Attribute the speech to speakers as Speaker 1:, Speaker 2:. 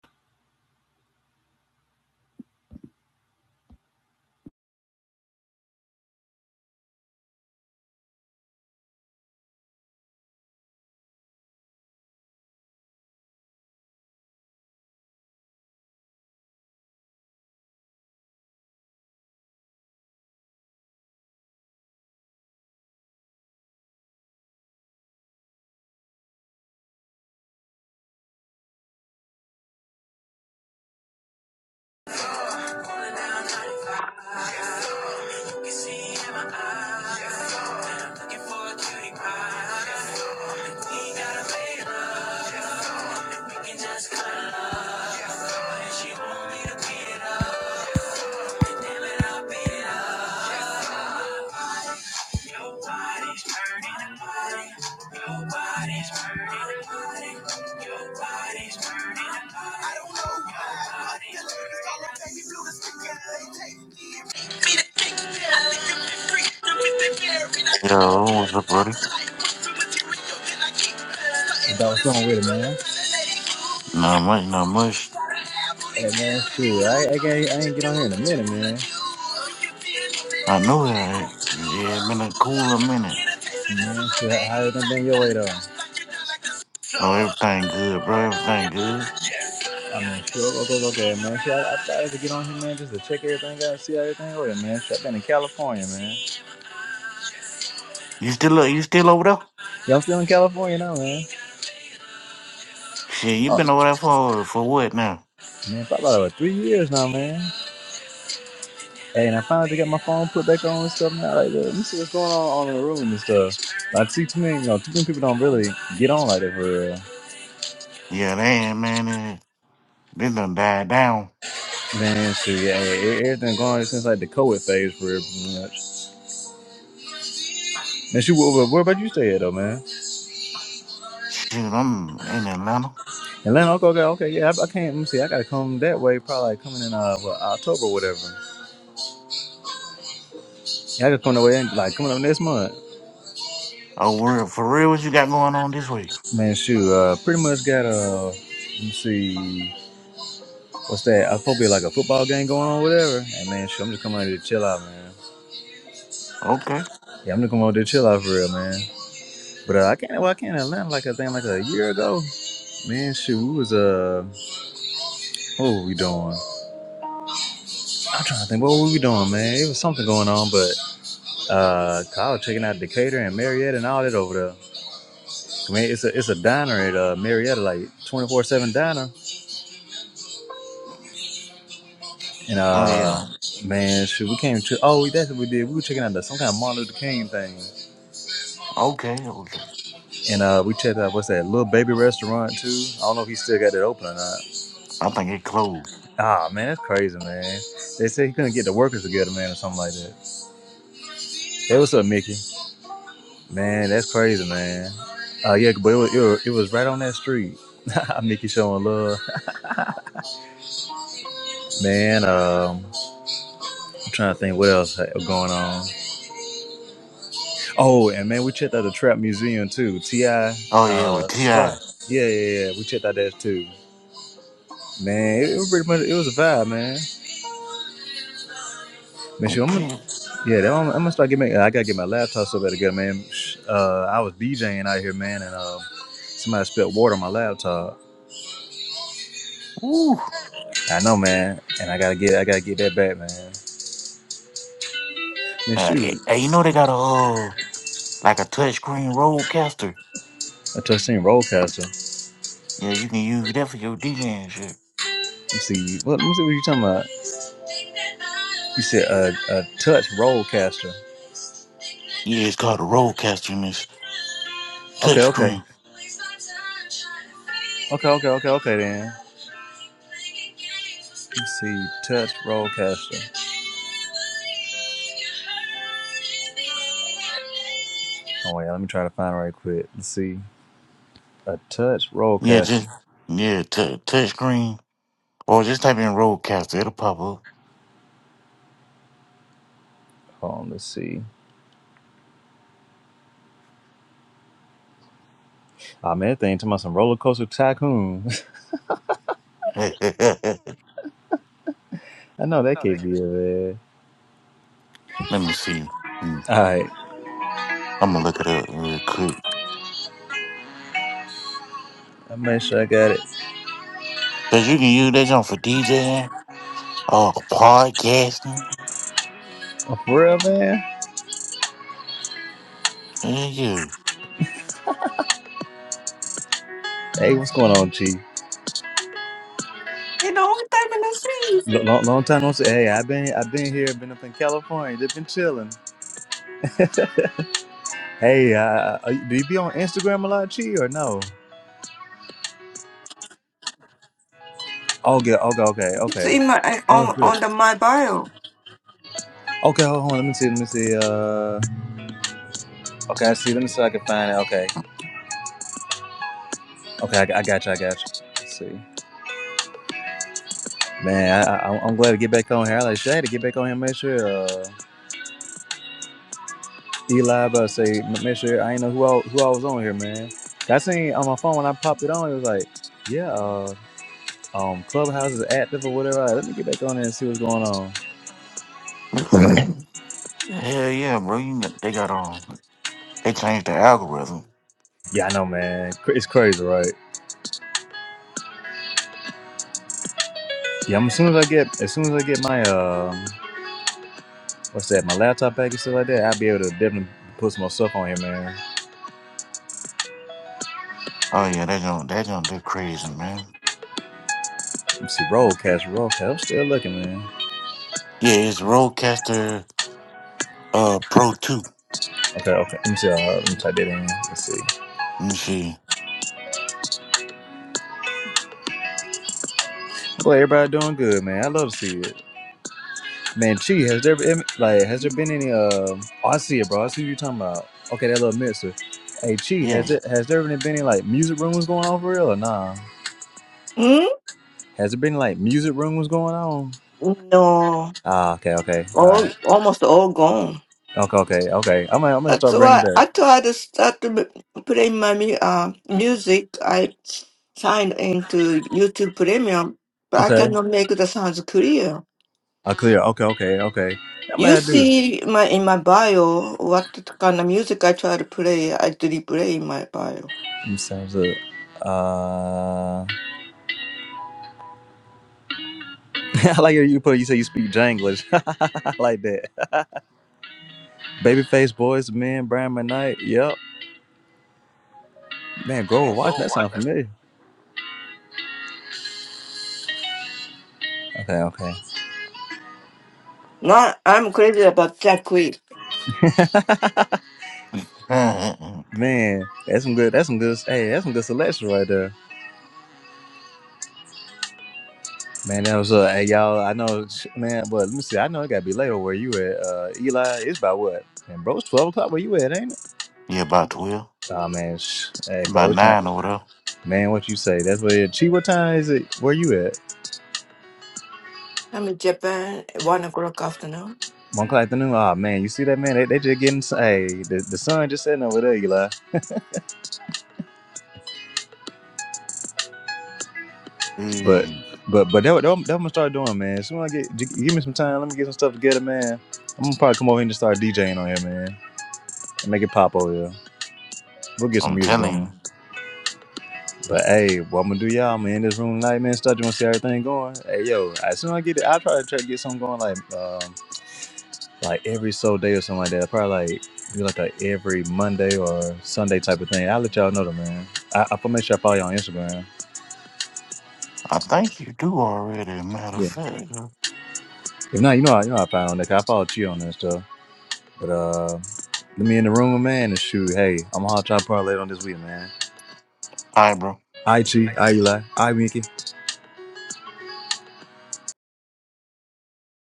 Speaker 1: that like,
Speaker 2: Yo, what's up, buddy?
Speaker 1: like, was wrong with it, man.
Speaker 2: Not much, not much.
Speaker 1: Hey man, shoot, I, I can't, I ain't get on here in a minute, man.
Speaker 2: I know it. Yeah, it's been a cooler minute.
Speaker 1: Man, shit, how how everything been your way though?
Speaker 2: Oh, everything good, bro. Everything good.
Speaker 1: I mean, look, look, look, look at man. See, I, I tried to get on here, man, just to check everything out, see how everything working, man. Shit, I've been in California, man.
Speaker 2: You still you still over there?
Speaker 1: Y'all still in California now, man?
Speaker 2: Shit, you
Speaker 1: Oh,
Speaker 2: been over there for for what now?
Speaker 1: man, probably about over three years now, man. Hey, and I finally got my phone put back on and stuff now. Like, look, let me see what's going on on in the room and stuff. I see too many, you know, too many people don't really get on like that for real.
Speaker 2: Yeah, damn, man. eh, This done died down.
Speaker 1: Man, shoot, yeah, yeah, everything going since like the COVID phase for real, pretty much. Man, shoot, where, where where about you stay at, though, man?
Speaker 2: Shit, I'm in Atlanta.
Speaker 1: Atlanta, okay, okay, okay. Yeah, I, I can't. Let me see. I gotta come that way. Probably like coming in uh what, October or whatever. Yeah, I gotta come that way. in, Like coming up next month.
Speaker 2: Oh, word, for real, what you got going on this week?
Speaker 1: Man, shoot. Uh, pretty much got a. let me see. What's that? I probably like a football game going on, or whatever. And man, shoot, I'm just coming out here to chill out, man.
Speaker 2: Okay.
Speaker 1: Yeah, I'm just coming out there to chill out for real, man. But uh, I can't. Well, I can't in Atlanta like I think like a year ago. Man, shoot, we was uh, what were we doing? I'm trying to think. What were we doing, man? It was something going on, but uh, 'cause I was checking out Decatur and Marietta and all that over there. Man, it's a it's a diner at uh, Marietta, like twenty four seven diner. And
Speaker 2: Oh, yeah.
Speaker 1: uh, man, shoot, we came to oh that's what we did. We were checking out the, some kind of Martin Luther King thing,
Speaker 2: Okay, okay.
Speaker 1: and uh, we checked out what's that little baby restaurant too. I don't know if he still got it open or not.
Speaker 2: I think it closed.
Speaker 1: Ah man, that's crazy, man. They said he couldn't get the workers together, man, or something like that. Hey, what's up, Mickey? Man, that's crazy, man. Uh, yeah, but it was, it was it was right on that street. Mickey showing love, man. Um, I'm trying to think what else was going on. Oh, and man, we checked out the Trap Museum too. Ti uh,
Speaker 2: Oh, yeah, with
Speaker 1: spot.
Speaker 2: T.I.
Speaker 1: Yeah, yeah, yeah. We checked out that too. Man, it, it was pretty much it was a vibe, man. Man, shoot, I'm gonna,
Speaker 2: Okay.
Speaker 1: yeah, that, I'm, I'm gonna start getting. My, I gotta get my laptop so better, good, man. Sh- Uh, I was DJing out here, man, and um, somebody spilled water on my laptop.
Speaker 2: Ooh.
Speaker 1: I know, man, and I gotta get, I gotta get that back, man. Man,
Speaker 2: Uh, eh,
Speaker 1: shoot,
Speaker 2: eh, you know they got a, uh, like a touchscreen roadcaster.
Speaker 1: I just seen Rollcaster.
Speaker 2: Yeah, you can use that for your DJing shit.
Speaker 1: Let's see, what, let me see what you talking about. You said a, a touch Rollcaster.
Speaker 2: Yeah, it's called a roadcaster, and it's
Speaker 1: Okay, okay.
Speaker 2: touchscreen.
Speaker 1: Okay, okay, okay, okay then. Let's see, touch roadcaster. Oh wait, let me try to find it right quick. Let's see. A touch
Speaker 2: Yeah,
Speaker 1: roadcaster.
Speaker 2: just yeah, t- touchscreen or just type in roadcaster, it'll pop up.
Speaker 1: Hold on, let's see. Ah man, that thing talking about some roller coaster tycoon. I know that can't be it, man. All
Speaker 2: Let me see. Mm,
Speaker 1: right.
Speaker 2: I'm gonna look it up real quick
Speaker 1: I make sure I got it.
Speaker 2: because you can use that junk for DJing or podcasting.
Speaker 1: Oh, for real, man.
Speaker 2: Yeah,
Speaker 1: Hey, what's going on, G?
Speaker 3: Ain't the only thing in that seed.
Speaker 1: Long, long, long time no see. Hey, I've been I've been here, been up in California, just been chilling. Hey, uh, are you- do you be on Instagram a lot, G, or no? Okay, okay, okay, okay. Oh, good. Okay, hold on. Let me see. Let me see. Uh, okay, I see. Let me see. if I can find it. Okay, okay. I, I got you. I got you. Let's see. Man, I, I, I'm glad to get back on here. I like shit, I had to get back on here. and Make sure uh, Eli, bro, say make sure I ain't know who I, who I was on here, man. I seen on my phone when I popped it on, it was like, yeah, uh, um, Clubhouse is active or whatever. Like, Let me get back on there and see what's going on.
Speaker 2: yeah. Hell yeah, bro! You can, they got um, they changed the algorithm.
Speaker 1: Yeah, I know, man. Cra- It's crazy, right? Yeah, I'm, as soon as I get, as soon as I get my um, what's that, my laptop back and stuff like that, I'll be able to definitely put some more stuff on here, man.
Speaker 2: Oh yeah, that junk, that junk, they're crazy, man.
Speaker 1: Let me see, roll cash, roll cash. I'm still looking, man.
Speaker 2: Yeah, it's Rodecaster uh Pro Two.
Speaker 1: Okay, okay. Let me see. Uh, let me type that in. Let's see.
Speaker 2: Let me see.
Speaker 1: Well, everybody doing good, man. I love to see it, man. Chi, has there been like has there been any? Um, oh, I see it, bro. I see what you're talking about. Okay, that little mixer. Hey, Chi, has
Speaker 2: Yeah.
Speaker 1: it has there been any like music rooms going on for real or nah? Has there been like music rooms going on?
Speaker 3: No,
Speaker 1: Ah, okay, okay, all right,
Speaker 3: all almost all gone.
Speaker 1: okay, okay, okay. I'm gonna, I'm gonna
Speaker 3: That's
Speaker 1: start bringing
Speaker 3: why
Speaker 1: back.
Speaker 3: I try to start to m- play my mu- uh, music. I signed into YouTube Premium, but I
Speaker 1: Okay,
Speaker 3: cannot make the sounds clear.
Speaker 1: I clear. Okay, okay, okay. That man
Speaker 3: You
Speaker 1: I do.
Speaker 3: see my in my bio what kind of music I try to play. I do play in my bio.
Speaker 1: You sounds up. Uh, I like how you put. You say you speak Janglish. I like that. Babyface boys, man, Brian McKnight. Yep. Man, Grover Watch, that sounds familiar. Okay, okay.
Speaker 3: No, I'm crazy about Jack Queen.
Speaker 2: Uh,
Speaker 1: Man, that's some good. That's some good. Hey, that's some good selection right there. Man, that was uh, hey y'all. I know, sh- man. But let me see. I know it got to be later where you at. Uh, Eli, it's about what? And bro, it's twelve o'clock where you at, ain't it?
Speaker 2: yeah, about twelve.
Speaker 1: Oh man, sh- hey bro,
Speaker 2: About
Speaker 1: it's not.
Speaker 2: nine over
Speaker 1: Man, what you say? That's where. Chi, what time is it? Where you at?
Speaker 3: I'm in Japan at one o'clock afternoon.
Speaker 1: One o'clock afternoon. Oh man, you see that man? They, they just getting. Hey, the, the sun just setting over there, Eli.
Speaker 2: there.
Speaker 1: But
Speaker 2: Mm.
Speaker 1: but but that what that what I'm gonna start doing, man. Soon as I get gi- give me some time, let me get some stuff together, man. I'm gonna probably come over here and just start DJing on here, man. And make it pop over here. We'll get some
Speaker 2: I'm
Speaker 1: music
Speaker 2: telling
Speaker 1: going.
Speaker 2: you.
Speaker 1: But hey, what I'm gonna do, y'all, man, in this room tonight, man, start doing see everything going. Hey yo, as soon as I get it, I'll try to try to get something going like um like every so day or something like that. Probably like do like a every Monday or Sunday type of thing. I'll let y'all know though, man. I I'll make sure I follow you on Instagram.
Speaker 2: I think you do already, matter of
Speaker 1: Yeah.
Speaker 2: fact. All
Speaker 1: If not, you know how you know how I find on there 'cause I follow Chi on that stuff. But uh, let me in the room, man, and shoot. Hey, I'm gonna holler at y'all probably later on this week, man.
Speaker 2: right, bro.
Speaker 1: Aichi, Chi, I I Mickey.